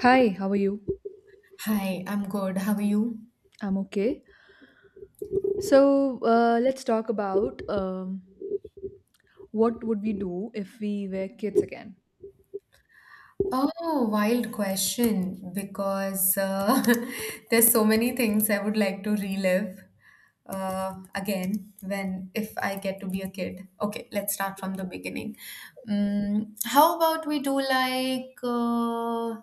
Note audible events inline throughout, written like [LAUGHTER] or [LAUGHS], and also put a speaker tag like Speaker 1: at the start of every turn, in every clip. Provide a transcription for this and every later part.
Speaker 1: Hi, how are you?
Speaker 2: Hi, I'm good. How are you?
Speaker 1: I'm okay. So let's talk about what would we do if we were kids again.
Speaker 2: Oh, wild question because [LAUGHS] there's so many things I would like to relive again when if I get to be a kid. Okay, let's start from the beginning. Mm, how about we do like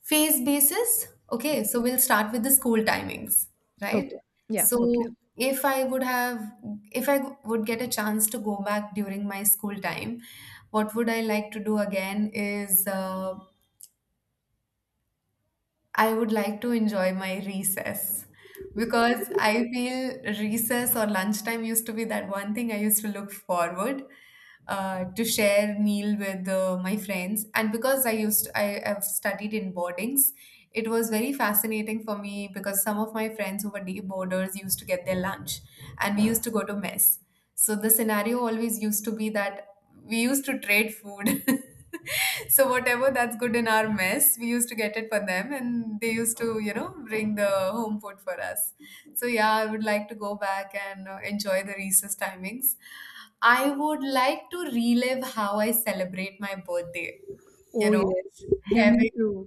Speaker 2: phase basis? Okay, so we'll start with the school timings, right?
Speaker 1: Okay. Yeah. Okay.
Speaker 2: So if I would have, if I would get a chance to go back during my school time, what would I like to do again is I would like to enjoy my recess because I feel recess or lunchtime used to be that one thing I used to look forward to share meal with my friends. And because I have studied in boardings, it was very fascinating for me because some of my friends who were day boarders used to get their lunch, and we used to go to mess. So the scenario always used to be that we used to trade food. [LAUGHS] So whatever that's good in our mess, we used to get it for them, and they used to, bring the home food for us. So yeah, I would like to go back and enjoy the recess timings. I would like to relive how I celebrate my birthday. You
Speaker 1: Oh,
Speaker 2: know,
Speaker 1: yes. Yeah, me
Speaker 2: having
Speaker 1: too.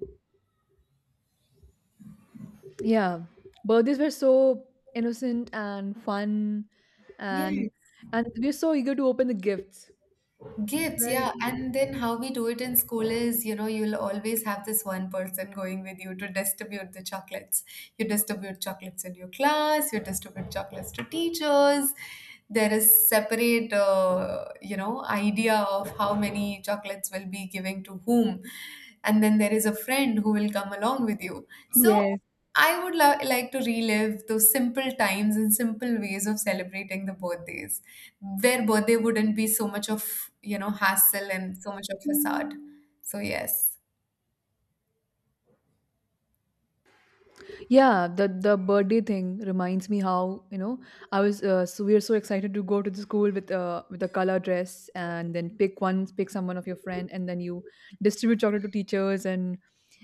Speaker 1: Yeah, birthdays were so innocent and fun, and
Speaker 2: yes,
Speaker 1: and we are so eager to open the gifts,
Speaker 2: gifts,
Speaker 1: right?
Speaker 2: yeah. And then how we do it in school is, you'll always have this one person going with you to distribute the chocolates. You distribute chocolates in your class, you distribute chocolates to teachers. There is separate, idea of how many chocolates will be giving to whom. And then there is a friend who will come along with you. So
Speaker 1: Yes.
Speaker 2: I would like to relive those simple times and simple ways of celebrating the birthdays where birthday wouldn't be so much of, hassle and so much of facade. So yes.
Speaker 1: Yeah, the birthday thing reminds me how, I was so we were so excited to go to the school with a color dress, and then pick someone of your friend, and then you distribute chocolate to teachers, and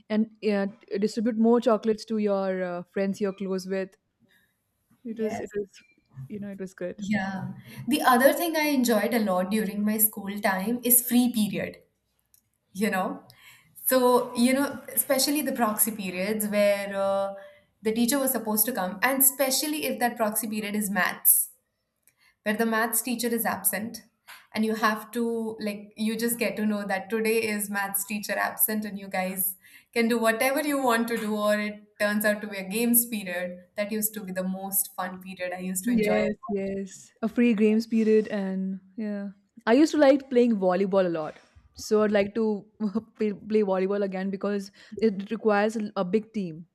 Speaker 1: and uh, distribute more chocolates to your friends you're close with. It was it
Speaker 2: Yes.
Speaker 1: was it was good.
Speaker 2: Yeah. The other thing I enjoyed a lot during my school time is free period, you know. So, especially the proxy periods where the teacher was supposed to come, and especially if that proxy period is maths, where the maths teacher is absent, and you have to like you just get to know that today is maths teacher absent and you guys can do whatever you want to do, or it turns out to be a games period. That used to be the most fun period I used to enjoy a
Speaker 1: Yes,
Speaker 2: lot.
Speaker 1: yes, a free games period, and yeah, I used to like playing volleyball a lot. So I'd like to [LAUGHS] play volleyball again, because it requires a big team.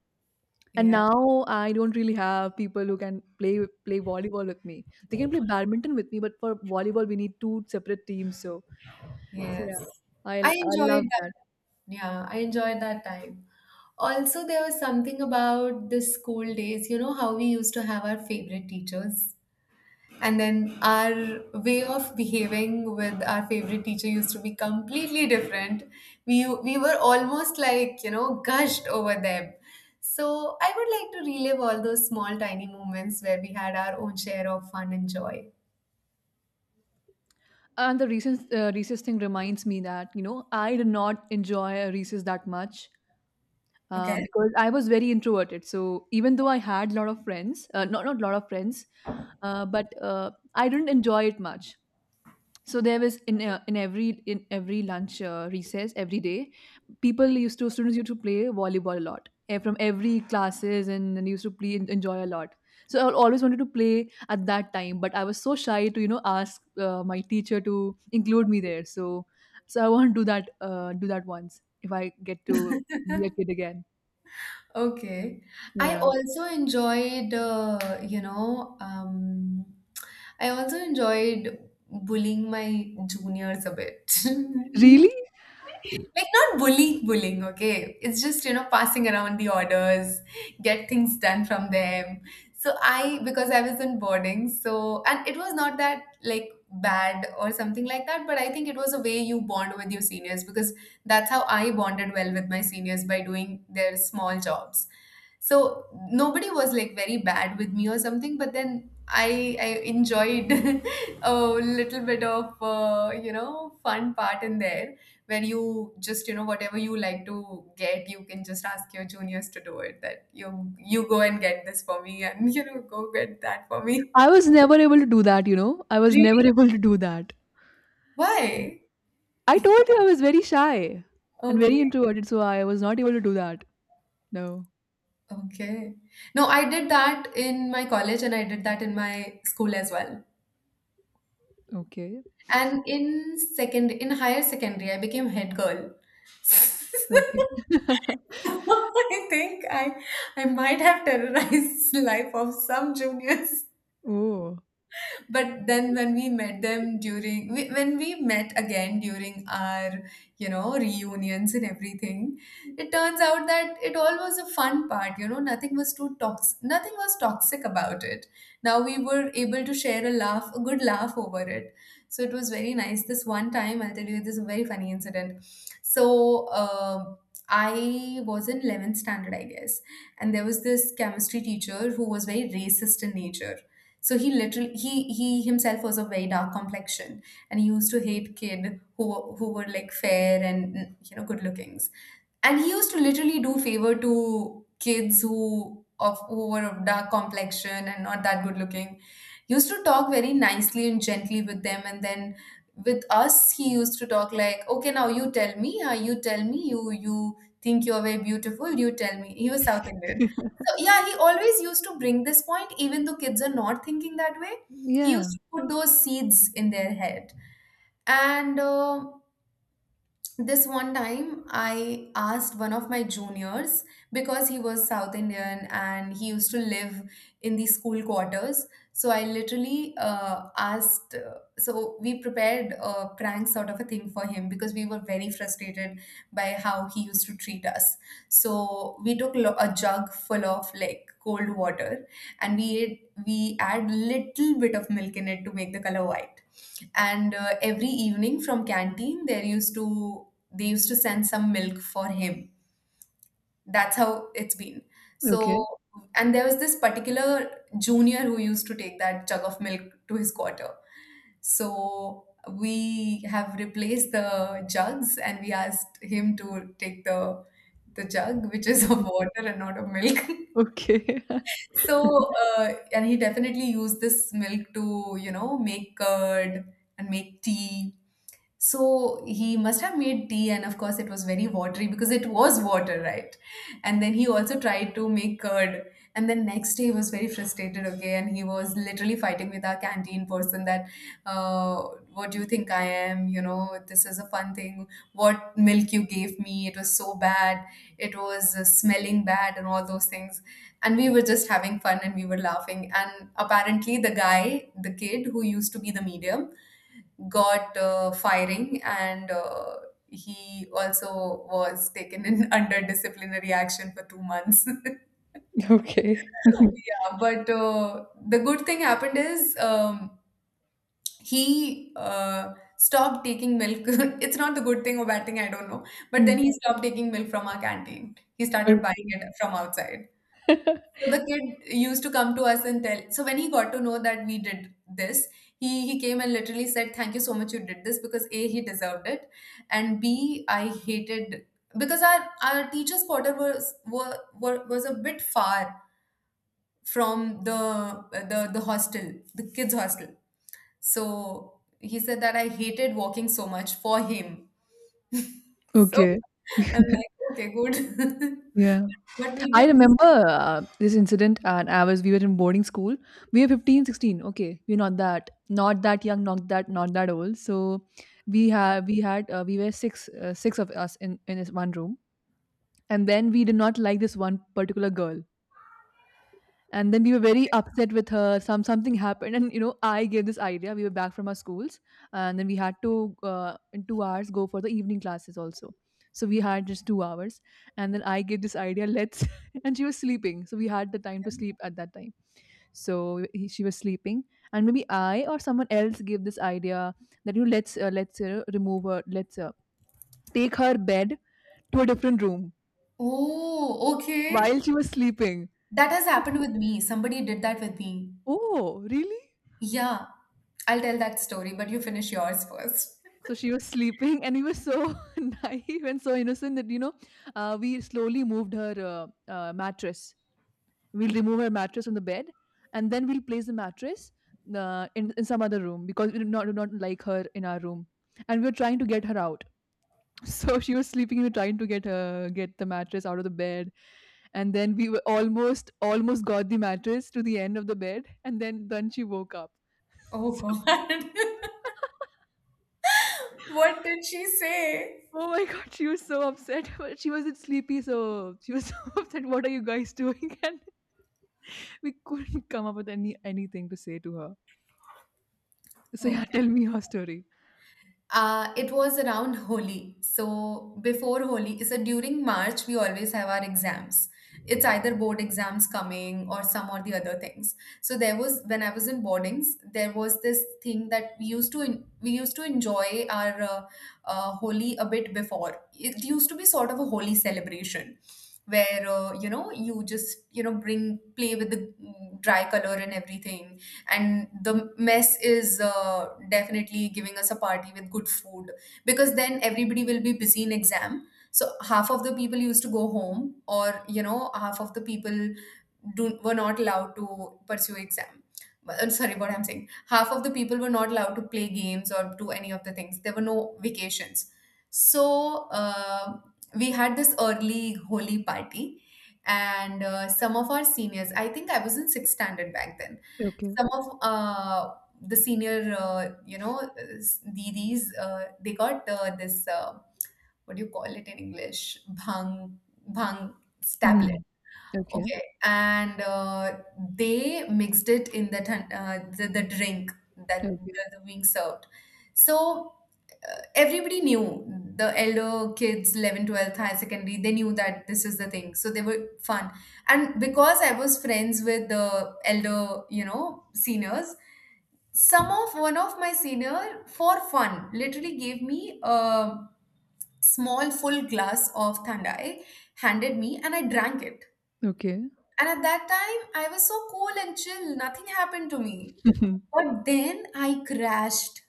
Speaker 1: And
Speaker 2: Yeah,
Speaker 1: now I don't really have people who can play volleyball with me. They can play badminton with me, but for volleyball we need two separate teams. So, so
Speaker 2: yes,
Speaker 1: yeah, I
Speaker 2: I
Speaker 1: I love
Speaker 2: enjoyed that.
Speaker 1: that.
Speaker 2: Yeah, I enjoyed that time. Also, there was something about the school days, you know, how we used to have our favorite teachers. And then our way of behaving with our favorite teacher used to be completely different. We were almost like, gushed over them. So I would like to relive all those small tiny moments where we had our own share of fun and joy.
Speaker 1: And the recess thing reminds me that I did not enjoy a recess that much
Speaker 2: Okay.
Speaker 1: because I was very introverted. So even though I had a lot of friends, not a lot of friends, but I didn't enjoy it much. So there was in every lunch recess every day, people used to students used to play volleyball a lot, from every classes, and used to play enjoy a lot. So I always wanted to play at that time, but I was so shy to ask my teacher to include me there. So I want to do that do that once if I get to be a
Speaker 2: [LAUGHS]
Speaker 1: kid again.
Speaker 2: Okay. I
Speaker 1: Yeah.
Speaker 2: also enjoyed, you know, um, I also enjoyed bullying my juniors a bit.
Speaker 1: Really?
Speaker 2: [LAUGHS] Like not bullying, bullying, okay? It's just, passing around the orders, get things done from them. So I, because I was in boarding, so, and it was not that like bad or something like that, but I think it was a way you bond with your seniors because that's how I bonded well with my seniors by doing their small jobs. So nobody was like very bad with me or something, but then I enjoyed [LAUGHS] a little bit of fun part in there, where you just whatever you like to get, you can just ask your juniors to do it. That you go and get this for me and [LAUGHS] go get that for me.
Speaker 1: I was never able to do that. You know, I
Speaker 2: [LAUGHS]
Speaker 1: was
Speaker 2: Really?
Speaker 1: never [LAUGHS] able to do that.
Speaker 2: Why?
Speaker 1: I told you I was very shy and
Speaker 2: Okay.
Speaker 1: very introverted, so I was not able to do that. No.
Speaker 2: Okay. No, I did that in my college and I did that in my school as well.
Speaker 1: Okay.
Speaker 2: And in second, in higher secondary, I became head girl. [LAUGHS]
Speaker 1: Okay. [LAUGHS]
Speaker 2: I think I might have terrorized [LAUGHS] the life of some juniors.
Speaker 1: Oh.
Speaker 2: But then when we met them during when we met again during our, you know, reunions and everything, it turns out that it all was a fun part. You know, nothing was too toxic, nothing was toxic about it. Now we were able to share a laugh, a good laugh over it. So it was very nice. This one time, I'll tell you, this is a very funny incident. So um I was in 11th standard, I guess. And there was this chemistry teacher who was very racist in nature. So he literally, he himself was of very dark complexion, and he used to hate kid who were like fair and, you know, good lookings, and he used to literally do favor to kids who were of dark complexion and not that good looking. He used to talk very nicely and gently with them, and then with us he used to talk like, okay, now you tell me, you tell me, you think you're very beautiful, you tell me. He was South Indian.
Speaker 1: [LAUGHS]
Speaker 2: So, yeah, he always used to bring this point, even though kids are not thinking that way. He used
Speaker 1: Yeah.
Speaker 2: to put those seeds in their head. And this one time I asked one of my juniors, because he was South Indian and he used to live in the school quarters. So I literally, asked, so we prepared a prank sort of a thing for him because we were very frustrated by how he used to treat us. So we took a jug full of like cold water, and we add little bit of milk in it to make the color white. And every evening from canteen there used to, they used to send some milk for him. That's how it's been.
Speaker 1: Okay.
Speaker 2: So, and there was this particular junior who used to take that jug of milk to his quarter. So we have replaced the jugs and we asked him to take the jug which is of
Speaker 1: [LAUGHS]
Speaker 2: water and not of milk.
Speaker 1: Okay.
Speaker 2: [LAUGHS]
Speaker 1: [LAUGHS]
Speaker 2: So and he definitely used this milk to, you know, make curd and make tea. So he must have made tea, and of course, it was very watery because it was water, right? And then he also tried to make curd. And then next day, he was very frustrated, okay? And he was literally fighting with our canteen person that, uh, what do you think I am? You know, this is a fun thing. What milk you gave me, it was so bad. It was smelling bad, and all those things. And we were just having fun and we were laughing. And apparently, the guy, the kid who used to be the medium, got firing and he also was taken in [LAUGHS] under disciplinary action for 2 months. [LAUGHS]
Speaker 1: Okay. [LAUGHS]
Speaker 2: Yeah, but the good thing happened is he stopped taking milk. [LAUGHS] It's not the good thing or bad thing, I don't know. But then
Speaker 1: Mm.
Speaker 2: he stopped taking milk from our canteen. He started buying
Speaker 1: Okay.
Speaker 2: it from outside.
Speaker 1: [LAUGHS]
Speaker 2: So the kid used to come to us and tell. So when he got to know that we did this, he came and literally said, "Thank you so much. You did this because a, he deserved it, and b, I hated, because our teachers' quarter was were was a bit far from the, the hostel, the kids' hostel. So he said that I hated walking so much for him. So
Speaker 1: Okay.
Speaker 2: [LAUGHS] I'm
Speaker 1: [LAUGHS]
Speaker 2: like, okay, good. [LAUGHS]
Speaker 1: Yeah.
Speaker 2: But we
Speaker 1: I
Speaker 2: did these.
Speaker 1: remember this incident, and I was we were in boarding school. We were 15, 16. Okay. We're not that not that, young, not that not that, old. So we have we had we were six of us in this one room, and then we did not like this one particular girl, and then we were very upset with her. Something happened, and I gave this idea. We were back from our schools, and then we had to in 2 hours go for the evening classes also. So we had just 2 hours, and then I gave this idea. Let's— [LAUGHS] and she was sleeping, so we had the time to sleep at that time. So she was sleeping, and maybe I or someone else gave this idea that, let's remove her, let's take her bed to a different room
Speaker 2: Oh, okay.
Speaker 1: while she was sleeping.
Speaker 2: That has happened with me. Somebody did that with me.
Speaker 1: Oh, really?
Speaker 2: Yeah, I'll tell that story, but you finish yours first. [LAUGHS]
Speaker 1: So she was sleeping, [LAUGHS] and we were so [LAUGHS] naive and so innocent that, we slowly moved her mattress. We'll remove her mattress from the bed, and then we'll place the mattress in some other room, because we do not like her in our room, and we were trying to get her out. [LAUGHS] So she was sleeping. We were trying to get the mattress out of the bed, and then we were almost got the mattress to the end of the bed, and then she woke up.
Speaker 2: Oh
Speaker 1: [LAUGHS]
Speaker 2: God. [LAUGHS] What did she say?
Speaker 1: Oh my God, she was so upset. [LAUGHS] But she wasn't sleepy, so she was so [LAUGHS] upset. What are you guys doing? [LAUGHS] And we couldn't come up with anything to say to her. So yeah,
Speaker 2: Okay.
Speaker 1: tell me your story.
Speaker 2: It was around Holi. So before Holi, so during March, we always have our exams. It's either board exams coming or some or the other things. So there was, when I was in boardings, there was this thing that we used to we used to enjoy our Holi a bit before. It used to be sort of a Holi celebration where you just bring play with the dry color and everything, and the mess is definitely giving us a party with good food because then everybody will be busy in exam, so half of the people used to go home, or you know, half of the people were not allowed to pursue exam. I'm sorry what I'm saying, half of the people were not allowed to play games or do any of the things. There were no vacations, so we had this early holy party. And some of our seniors, I think I was in sixth standard back then.
Speaker 1: Okay.
Speaker 2: Some of the senior, didis, they got this, what do you call it in English? Bhang, bhang tablet.
Speaker 1: Mm. Okay.
Speaker 2: Okay. And they mixed it in the drink that
Speaker 1: Okay.
Speaker 2: the being served. So everybody knew the elder kids, 11, 12th, high secondary, they knew that this is the thing. So they were fun. And because I was friends with the elder, you know, seniors, some of one of my senior for fun literally gave me a small full glass of thandai, handed me, and I drank it.
Speaker 1: Okay.
Speaker 2: And at that time I was so cool and chill, nothing happened to me.
Speaker 1: [LAUGHS]
Speaker 2: But then I crashed,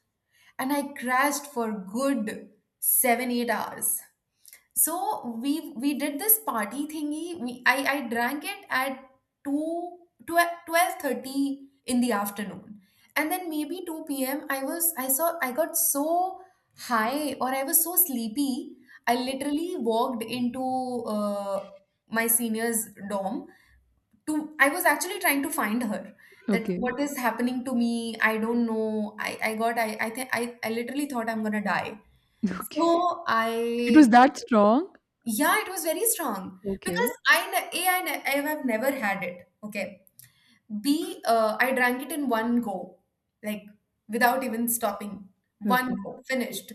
Speaker 2: and I crashed for good 7-8 hours. So we did this party thingy. We I drank it at 2 12:30 in the afternoon. And then maybe 2 p.m. I got so high, or I was so sleepy. I literally walked into uh, my senior's dorm to I was actually trying to find her. That,
Speaker 1: Okay.
Speaker 2: what is happening to me? I don't know. I literally thought I'm gonna die. So
Speaker 1: Okay. It was
Speaker 2: I
Speaker 1: that
Speaker 2: got,
Speaker 1: strong.
Speaker 2: yeah, it was very strong
Speaker 1: Okay.
Speaker 2: because A, I have never had it. Okay. B, I drank it in one go, like, without even stopping. One
Speaker 1: Okay.
Speaker 2: go, finished.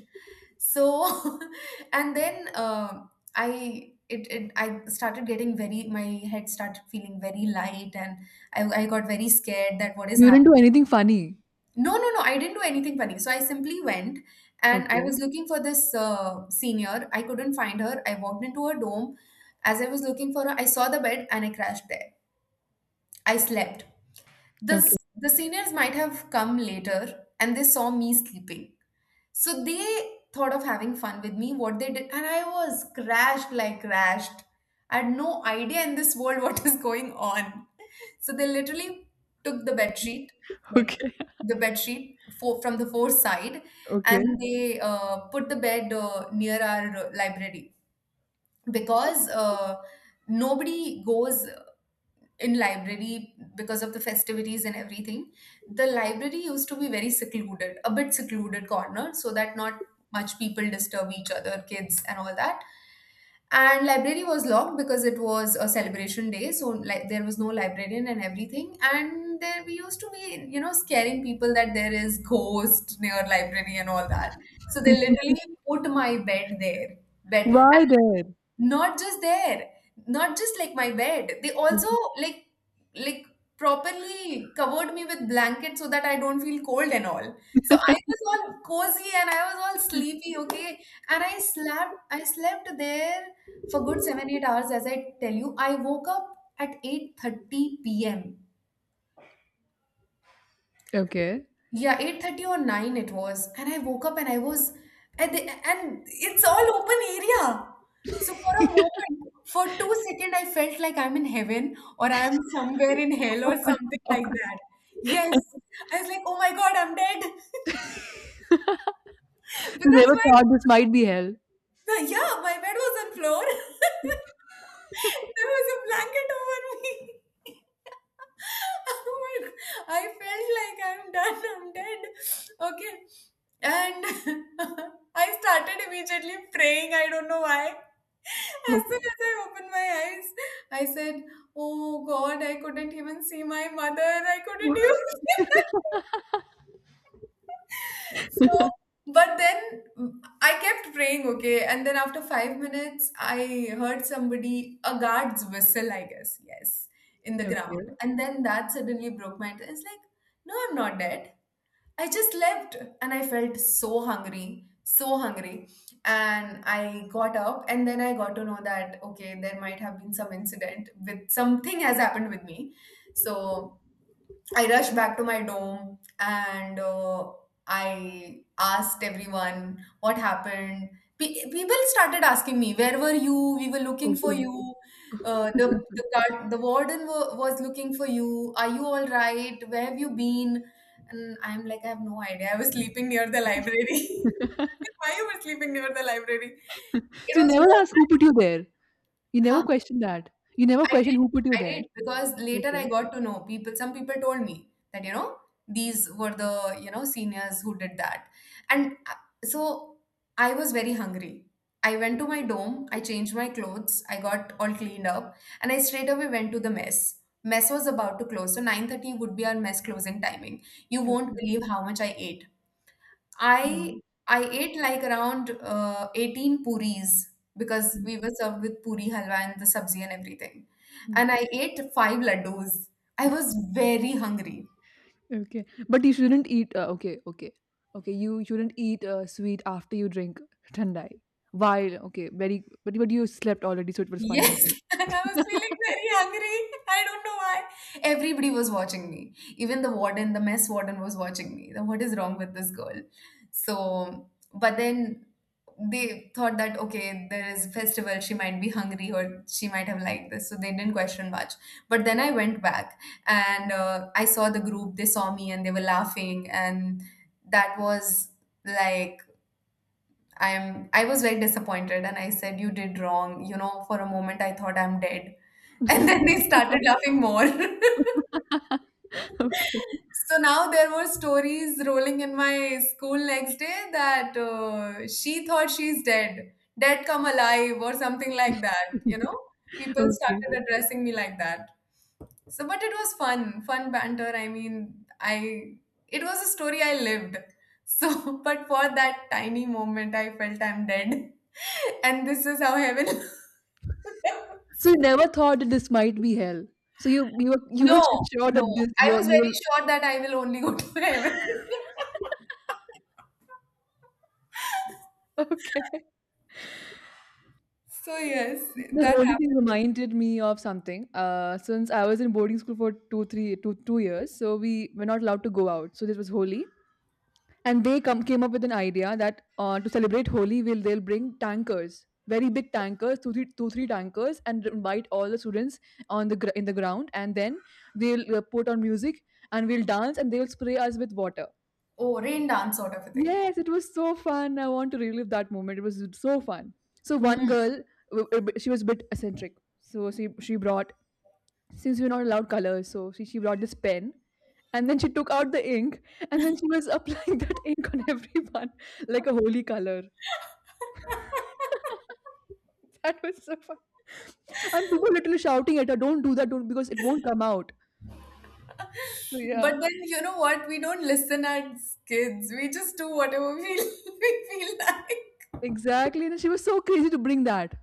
Speaker 2: So, [LAUGHS] and then I started getting very, my head started feeling very light, and I got very scared that what is
Speaker 1: You didn't
Speaker 2: happening.
Speaker 1: do anything funny.
Speaker 2: No, no, no. I didn't do anything funny. So I simply went, and I
Speaker 1: Okay.
Speaker 2: was looking for this senior. I couldn't find her. I walked into her dome. As I was looking for her, I saw the bed and I crashed there. I slept. This,
Speaker 1: Okay.
Speaker 2: the seniors might have come later and they saw me sleeping. So they thought of having fun with me, what they did, and I was crashed, like crashed. I had no idea in this world [LAUGHS] what is going on. So they literally took the bed sheet, like
Speaker 1: Okay.
Speaker 2: the bed sheet from the fourth side,
Speaker 1: Okay.
Speaker 2: and they put the bed near our library because nobody goes in library because of the festivities and everything. The library used to be very secluded, a bit secluded corner, so that not much people disturb each other kids and all that. And library was locked because it was a celebration day, so like there was no librarian and everything, and there we used to be, you know, scaring people that there is ghost near library and all that. So they
Speaker 1: [LAUGHS]
Speaker 2: literally put my bed there bed
Speaker 1: Why there?
Speaker 2: Not just there, not just like my bed. They also,
Speaker 1: Okay.
Speaker 2: like like properly covered me with blankets so that I don't feel cold and all. So I was all cozy and I was all sleepy, okay? And I slept there for good seven, 8 hours, as I tell you. I woke up at 8:30 p.m.
Speaker 1: Okay. [LAUGHS]
Speaker 2: Yeah, 8:30 or 9 it was. And I woke up, and I was, and the, and it's all open area. So for a moment, for 2 seconds, I felt like I'm in heaven, or I'm somewhere in hell
Speaker 1: Oh
Speaker 2: or
Speaker 1: my
Speaker 2: something like
Speaker 1: God.
Speaker 2: that. Yes. I was like, oh my God, I'm dead. [LAUGHS] But
Speaker 1: So they
Speaker 2: that's
Speaker 1: were
Speaker 2: why
Speaker 1: thought this might be hell.
Speaker 2: Yeah, my bed was on floor. [LAUGHS] There was a blanket over me. [LAUGHS] Oh my, God. I felt like I'm done, I'm dead. Okay. And [LAUGHS] I started immediately praying. I don't know why. As soon
Speaker 1: Okay.
Speaker 2: as I opened my eyes, I said, oh God, I couldn't even see my mother. I couldn't even [LAUGHS] see my, so, but then I kept praying, okay. And then after 5 minutes, I heard somebody, a guard's whistle, I guess, yes, in
Speaker 1: [LAUGHS]
Speaker 2: the ground.
Speaker 1: Okay.
Speaker 2: And then that suddenly broke my, it's like, no, I'm not dead. I just left, and I felt so hungry, so hungry. And I got up, and then I got to know that, okay, there might have been some incident with, something has happened with me. So I rushed back to my dorm, and I asked everyone what happened. People started asking me, "Where were you? We were looking for
Speaker 1: Okay.
Speaker 2: you. The guard, the warden was looking for you. Are you all right? Where have you been?" And I'm like, "I have no idea. I was sleeping near the library. [LAUGHS]
Speaker 1: [LAUGHS]
Speaker 2: Like, why you were sleeping near the library? It
Speaker 1: So you
Speaker 2: was
Speaker 1: never ask
Speaker 2: weird,
Speaker 1: who put you there? You never
Speaker 2: huh?"
Speaker 1: question that? You never
Speaker 2: I
Speaker 1: question who
Speaker 2: did.
Speaker 1: put you
Speaker 2: I
Speaker 1: there?
Speaker 2: did, because later
Speaker 1: Okay,
Speaker 2: I got to know people. Some people told me that, you know, these were the, you know, seniors who did that, and so I was very hungry. I went to my dome. I changed my clothes. I got all cleaned up, and I straight away went to the mess. Mess was about to close, so 9:30 would be our mess closing timing. You won't
Speaker 1: okay.
Speaker 2: believe how much I ate.
Speaker 1: Um,
Speaker 2: I I ate like around 18 puris because
Speaker 1: mm,
Speaker 2: we were served with puri halwa and the sabzi and everything.
Speaker 1: mm,
Speaker 2: And I ate five laddus. I was very hungry.
Speaker 1: okay. But you shouldn't eat, okay, okay. Okay, you shouldn't eat sweet after you drink [LAUGHS] thandai. While, okay, very, but you slept already, so it was fine, I
Speaker 2: Yes,
Speaker 1: think.
Speaker 2: [LAUGHS] and I was
Speaker 1: [LAUGHS]
Speaker 2: feeling very hungry. I don't know why. Everybody was watching me. Even the warden, the mess warden was watching me. That, what is wrong with this girl? So, but then they thought that, okay, there is festival, she might be hungry, or she might have liked this, so they didn't question much. But then I went back, and I saw the group. They saw me and they were laughing, and that was like, I was very disappointed, and I said, you did wrong, you know, for a moment I thought I'm dead. [LAUGHS] And then they started laughing more. [LAUGHS]
Speaker 1: Okay.
Speaker 2: So now there were stories rolling in my school next day that she thought she's dead, dead come alive, or something like that. You know,
Speaker 1: [LAUGHS]
Speaker 2: people
Speaker 1: Okay.
Speaker 2: started addressing me like that. So, but it was fun, fun banter. I mean, I it was a story I lived. So, [LAUGHS] but for that tiny moment, I felt I'm dead, [LAUGHS] and this is how heaven. [LAUGHS]
Speaker 1: So you never thought that this might be hell. So you were you were
Speaker 2: No,
Speaker 1: [LAUGHS] sure
Speaker 2: no,
Speaker 1: that this
Speaker 2: I was
Speaker 1: you
Speaker 2: very
Speaker 1: will
Speaker 2: sure that I will only go to heaven. [LAUGHS]
Speaker 1: [LAUGHS] okay.
Speaker 2: So yes,
Speaker 1: The
Speaker 2: that
Speaker 1: holy thing
Speaker 2: happened.
Speaker 1: reminded me of something. Since I was in boarding school for two, three, two, 2 years, so we were not allowed to go out. So this was holy, and they come came up with an idea that, to celebrate holy, will they'll bring tankers, very big tankers, two, three, two, three tankers, and invite all the students on the in the ground, and then they'll put on music, and we'll dance, and they'll spray us with water.
Speaker 2: Oh, rain dance sort of a thing.
Speaker 1: Yes, it was so fun. I want to relive that moment. It was so fun. So one
Speaker 2: Mm.
Speaker 1: girl, she was a bit eccentric. So she brought, since we're not allowed colors, so she brought this pen, and then she took out the ink, and then she was applying [LAUGHS] that ink on everyone like a holy color. [LAUGHS]
Speaker 2: [LAUGHS]
Speaker 1: That was so fun. And people literally shouting at her, "Don't do that! Don't!" Because it won't come out. So yeah,
Speaker 2: But then you know what? We don't listen as kids. We just do whatever we [LAUGHS] we feel like.
Speaker 1: exactly. And she was so crazy to bring that.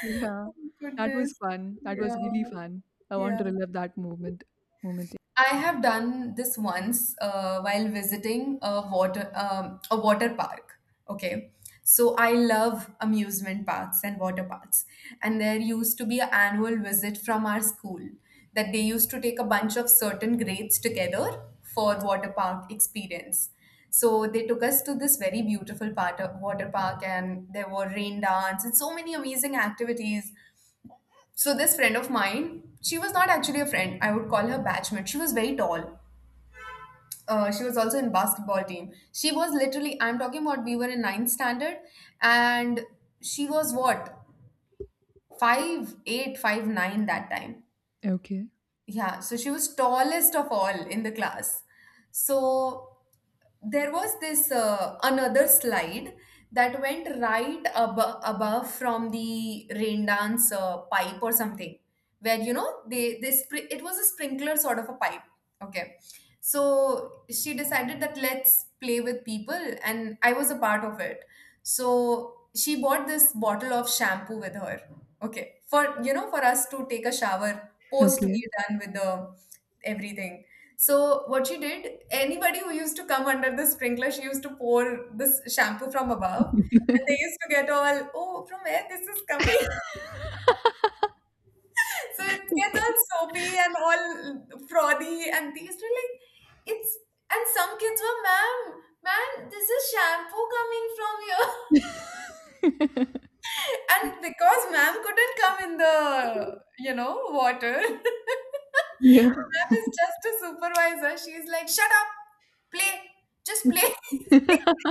Speaker 1: Yeah,
Speaker 2: Oh,
Speaker 1: that was
Speaker 2: goodness.
Speaker 1: fun. That
Speaker 2: Yeah.
Speaker 1: was really fun. I want
Speaker 2: Yeah.
Speaker 1: to relive that moment. Moment.
Speaker 2: I have done this once while visiting a water park. Okay, so I love amusement parks and water parks, and there used to be an annual visit from our school, that they used to take a bunch of certain grades together for water park experience. So they took us to this very beautiful part of water park, and there were rain dance and so many amazing activities. So this friend of mine, she was not actually a friend. I would call her batchmate. She was very tall, she was also in basketball team. She was literally, I'm talking about, we were in ninth standard, and she was what, 5'8", 5'9" that time.
Speaker 1: Okay.
Speaker 2: Yeah, so she was tallest of all in the class. So there was this another slide that went right above from the rain dance pipe or something, where, you know, they it was a sprinkler sort of a pipe. Okay, so she decided that let's play with people, and I was a part of it. So she bought this bottle of shampoo with her. Okay, for, you know, for us to take a shower post
Speaker 1: Okay.
Speaker 2: we're done with the everything. So what she did, anybody who used to come under the sprinkler, she used to pour this shampoo from above, and they used to get all, oh, from where this is coming? [LAUGHS] So it gets all soapy and all frothy, and these were like, it's. And some kids were, ma'am, man, this is shampoo coming from here,
Speaker 1: [LAUGHS]
Speaker 2: [LAUGHS] and because ma'am couldn't come in the, you know, water. [LAUGHS]
Speaker 1: Yeah.
Speaker 2: Is just a supervisor. She's like, shut up, play, just play. [LAUGHS]
Speaker 1: [LAUGHS]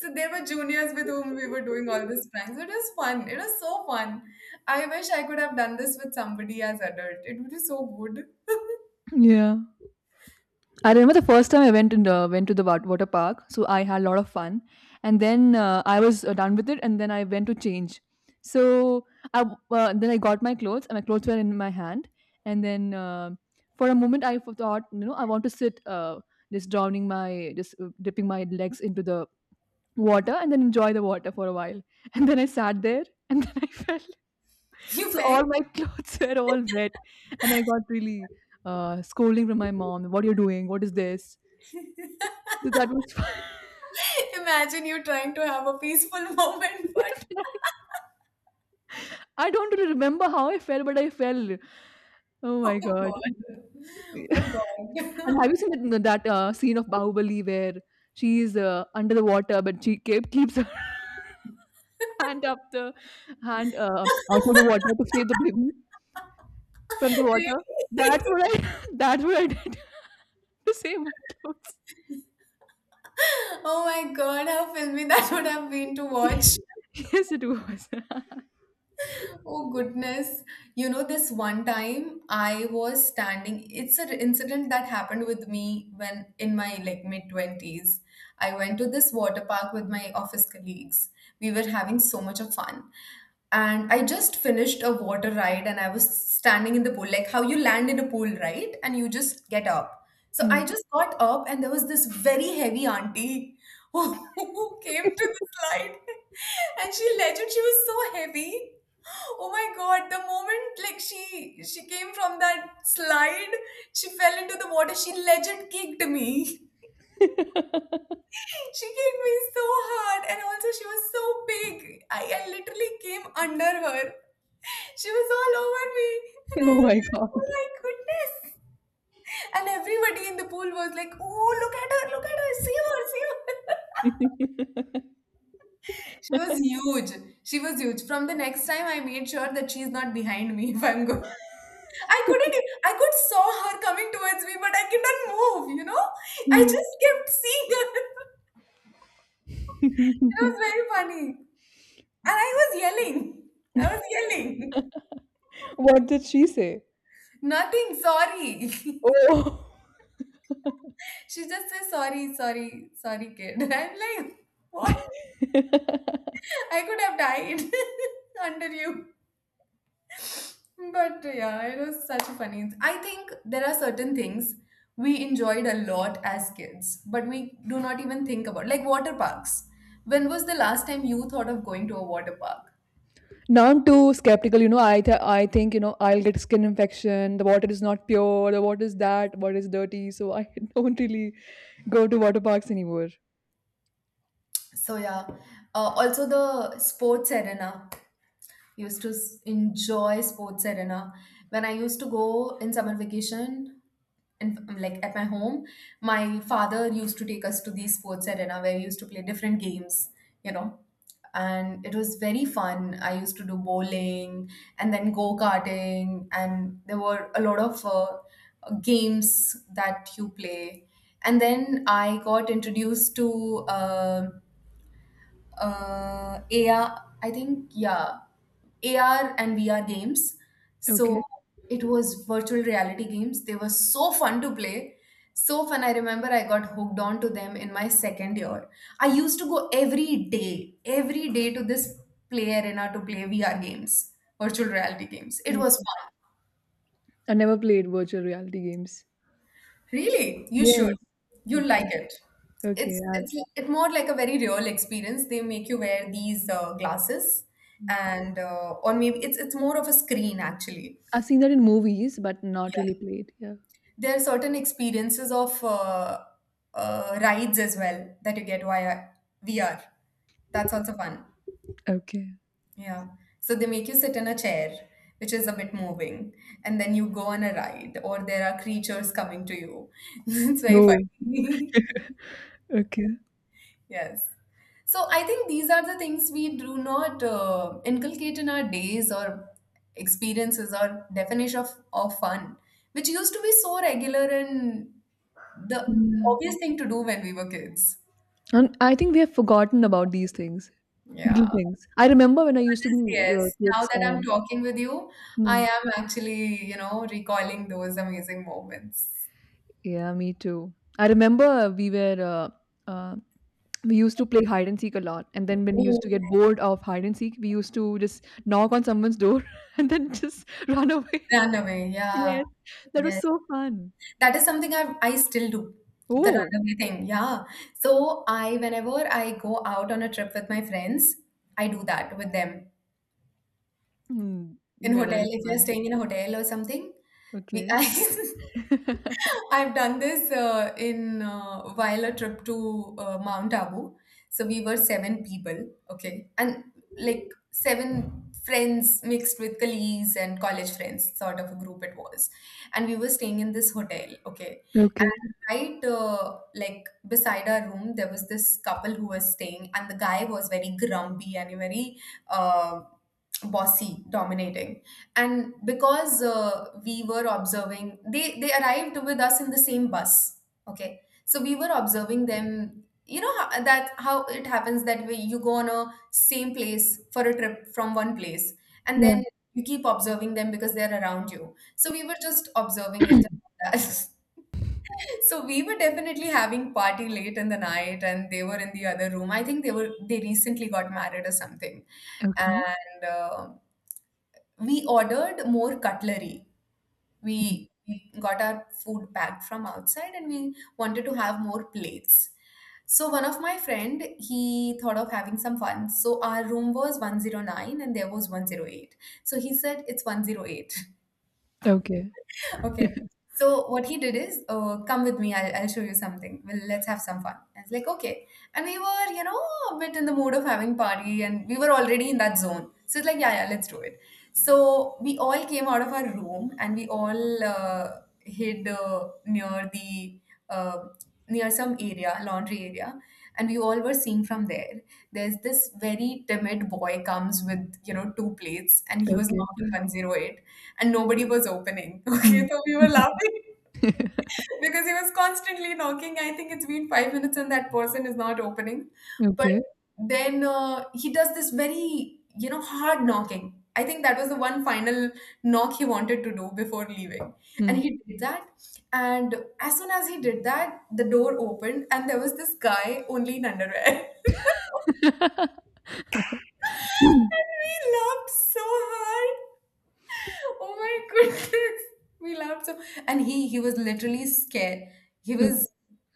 Speaker 2: So there were juniors with whom we were doing all these pranks. It was fun. It was so fun. I wish I could have done this with somebody as adult. It would be so good.
Speaker 1: Yeah. I remember the first time I went to the water park, so I had a lot of fun. And then I was done with it, and then I went to change. So then I got my clothes, and my clothes were in my hand. And then for a moment, I thought, you know, I want to sit, just just dipping my legs into the water, and then enjoy the water for a while. And then I sat there [LAUGHS] and then I fell.
Speaker 2: You
Speaker 1: So
Speaker 2: fell.
Speaker 1: all my clothes [LAUGHS] were all wet. And I got really scolding from my mom. What are you doing? What is this? So that was— [LAUGHS]
Speaker 2: [LAUGHS] Imagine you trying to have a peaceful [LAUGHS] moment, but
Speaker 1: yes, and I don't really remember how I fell, but I fell. Oh
Speaker 2: oh
Speaker 1: my God.
Speaker 2: god,
Speaker 1: [LAUGHS]
Speaker 2: oh god.
Speaker 1: And
Speaker 2: [LAUGHS]
Speaker 1: have you seen that, scene of Bahubali where she is under the water, but she keeps her [LAUGHS] hand up the hand out of the water to save the baby? From the water. That's
Speaker 2: Really?
Speaker 1: what
Speaker 2: [LAUGHS]
Speaker 1: I. [LAUGHS] That's what I did [LAUGHS] to save my clothes. [LAUGHS]
Speaker 2: Oh my god, how filmy that would have been to watch.
Speaker 1: Yes, it was. [LAUGHS]
Speaker 2: Oh goodness. You know, this one time I was standing, it's an incident that happened with me when in my like mid 20s. I went to this water park with my office colleagues. We were having so much of fun. And I just finished a water ride and I was standing in the pool, like how you land in a pool, right? And you just get up. So
Speaker 1: Hmm.
Speaker 2: I just got up and there was this very heavy auntie who, [LAUGHS] who came to the slide [LAUGHS] and she legend, she was so heavy. Oh my God, the moment like she came from that slide, she fell into the water. She legit kicked me. [LAUGHS]
Speaker 1: [LAUGHS] Oh
Speaker 2: She kicked me so hard, and also she was so big. I literally came under her. [LAUGHS] She was all over me, and I was
Speaker 1: my
Speaker 2: like, oh
Speaker 1: God.
Speaker 2: my goodness. And everybody in the pool was like, oh, look at her, see her, see her. [LAUGHS]
Speaker 1: [LAUGHS]
Speaker 2: She was huge. She was huge. From the next time, I made sure that she's not behind me [LAUGHS] if I'm going. I couldn't, e- I could saw her coming towards me, but I couldn't move, you know? I
Speaker 1: Hmm.
Speaker 2: just kept seeing her. [LAUGHS] It was
Speaker 1: [LAUGHS]
Speaker 2: very funny. And I was yelling. I was yelling.
Speaker 1: What did she say?
Speaker 2: Nothing, sorry. [LAUGHS]
Speaker 1: Oh.
Speaker 2: She just says, sorry, sorry, sorry, kid. [LAUGHS] I'm like, what?
Speaker 1: [LAUGHS]
Speaker 2: I could have died [LAUGHS] under you. But yeah, it was such a funny. I think there are certain things we enjoyed a lot as kids, but we do not even think about, like water parks. When was the last time you thought of going to a water park?
Speaker 1: Now I'm too skeptical. You know, I think I'll get skin infection. The water is not pure. The water is that. Water is dirty. So I [LAUGHS] don't really go to water parks anymore.
Speaker 2: So yeah, also the sports arena. Enjoy sports arena. When I used to go in summer vacation, in, like at my home, my father used to take us to these sports arena where we used to play different games, you know. And it was very fun. I used to do bowling and then go karting, and there were a lot of games that you play. And then I got introduced to AR, I think, yeah, AR and VR games. So
Speaker 1: Okay.
Speaker 2: it was virtual reality games. They were so fun to play. So fun. I remember I got hooked on to them in my second year. I used to go every day to this play arena to play VR games, virtual reality games. It was
Speaker 1: Okay.
Speaker 2: fun.
Speaker 1: I never played virtual reality games.
Speaker 2: Really? You should.
Speaker 1: Yes.
Speaker 2: You'll like
Speaker 1: Okay.
Speaker 2: it.
Speaker 1: Okay.
Speaker 2: It's it's it's more like a very real experience. They make you wear these glasses,
Speaker 1: Mm.
Speaker 2: and or maybe it's more of a screen actually.
Speaker 1: I've seen that in movies, but not
Speaker 2: Yeah,
Speaker 1: really played. Yeah.
Speaker 2: there are certain experiences of rides as well that you get via VR. That's also fun.
Speaker 1: Okay.
Speaker 2: Yeah. So they make you sit in a chair, which is a bit moving, and then you go on a ride, or there are creatures coming to you. [LAUGHS] It's very
Speaker 1: No.
Speaker 2: funny. [LAUGHS]
Speaker 1: Okay.
Speaker 2: Yes. So I think these are the things we do not inculcate in our days or experiences or definition of fun, which used to be so regular and the
Speaker 1: Yeah.
Speaker 2: obvious thing to do when we were kids.
Speaker 1: And I think we have forgotten about these things,
Speaker 2: Yeah.
Speaker 1: little
Speaker 2: But
Speaker 1: things. I remember when I used to be
Speaker 2: yes, yes, now
Speaker 1: kids
Speaker 2: that I'm
Speaker 1: and
Speaker 2: talking with you, I
Speaker 1: hmm.
Speaker 2: am actually, you know, recalling those amazing moments.
Speaker 1: Yeah, me too. I remember we used to play hide and seek a lot, and then when we
Speaker 2: Oh,
Speaker 1: used to get
Speaker 2: yes.
Speaker 1: bored of hide and seek, we used to just knock on someone's door [LAUGHS] and then just run away. [LAUGHS]
Speaker 2: Runaway, yeah.
Speaker 1: Yes, that was
Speaker 2: Yes.
Speaker 1: so fun.
Speaker 2: That is something I still do, the
Speaker 1: Oh,
Speaker 2: runaway thing. Yeah. So I whenever I go out on a trip with my friends, I do that with them.
Speaker 1: hmm.
Speaker 2: In
Speaker 1: Yeah,
Speaker 2: hotel,
Speaker 1: that is
Speaker 2: if you're
Speaker 1: fun.
Speaker 2: staying in a hotel or something, we
Speaker 1: Okay.
Speaker 2: I
Speaker 1: [LAUGHS]
Speaker 2: [LAUGHS] I've done this in while a trip to Mount Abu. So we were seven people, okay, and like seven friends mixed with colleagues and college friends, sort of a group it was, and we were staying in this hotel, okay,
Speaker 1: Okay.
Speaker 2: and right like beside our room there was this couple who was staying, and the guy was very grumpy and very. Uh, Bossy, dominating. And because we were observing, they arrived with us in the same bus, okay, so we were observing them, you know how, that how it happens that way, you go on a same place for a trip from one place and
Speaker 1: Yeah.
Speaker 2: then you keep observing them because they're around you, so we were just observing it. [LAUGHS] So we were definitely having party late in the night and they were in the other room. I think they were, they recently got married or something.
Speaker 1: Okay.
Speaker 2: And we ordered more cutlery.
Speaker 1: Hmm.
Speaker 2: We got our food packed from outside and we wanted to have more plates. So one of my friend, he thought of having some fun. So our room was 109 and there was 108. So he said it's 108. [LAUGHS]
Speaker 1: Okay.
Speaker 2: Okay.
Speaker 1: [LAUGHS]
Speaker 2: So what he did is, oh, come with me. I'll show you something. Well, let's have some fun. I was like, okay. And we were, you know, a bit in the mood of having party, and we were already in that zone. So it's like, yeah, yeah, let's do it. So we all came out of our room, and we all hid near the uh, near some area, laundry area, and we all were seeing from there. There's this very timid boy comes with, you know, two plates and he was
Speaker 1: Okay.
Speaker 2: knocking 108 and nobody was opening. [LAUGHS]
Speaker 1: Hmm.
Speaker 2: Okay, so we were
Speaker 1: [LAUGHS]
Speaker 2: laughing [LAUGHS] because he was constantly knocking. I think it's been 5 minutes and that person is not opening. But
Speaker 1: Okay.
Speaker 2: then he does this very, you know, hard knocking. I think that was the one final knock he wanted to do before leaving. And
Speaker 1: Hmm.
Speaker 2: he did that. And as soon as he did that, the door opened and there was this guy only in underwear. [LAUGHS] And we laughed so hard. Oh my goodness. We laughed so, and he was literally scared. He was,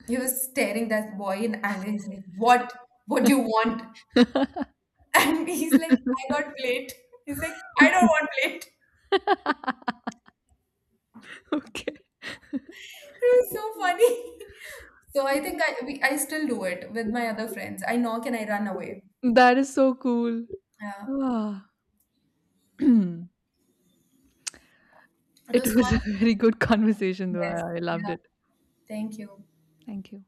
Speaker 2: he was staring that boy in anger. He's like, what? What do you want?
Speaker 1: [LAUGHS]
Speaker 2: [LAUGHS] And he's like, I got plate. He's like, I don't want plate. [LAUGHS]
Speaker 1: Okay.
Speaker 2: It was so funny. [LAUGHS] So I think I still do it with my other friends. I knock and I run away.
Speaker 1: That is so cool.
Speaker 2: Yeah.
Speaker 1: Ah. [CLEARS THROAT]
Speaker 2: It
Speaker 1: It
Speaker 2: was
Speaker 1: was a
Speaker 2: fun.
Speaker 1: very good conversation, though.
Speaker 2: Yes.
Speaker 1: I
Speaker 2: Yeah.
Speaker 1: loved it.
Speaker 2: Thank you.
Speaker 1: Thank you.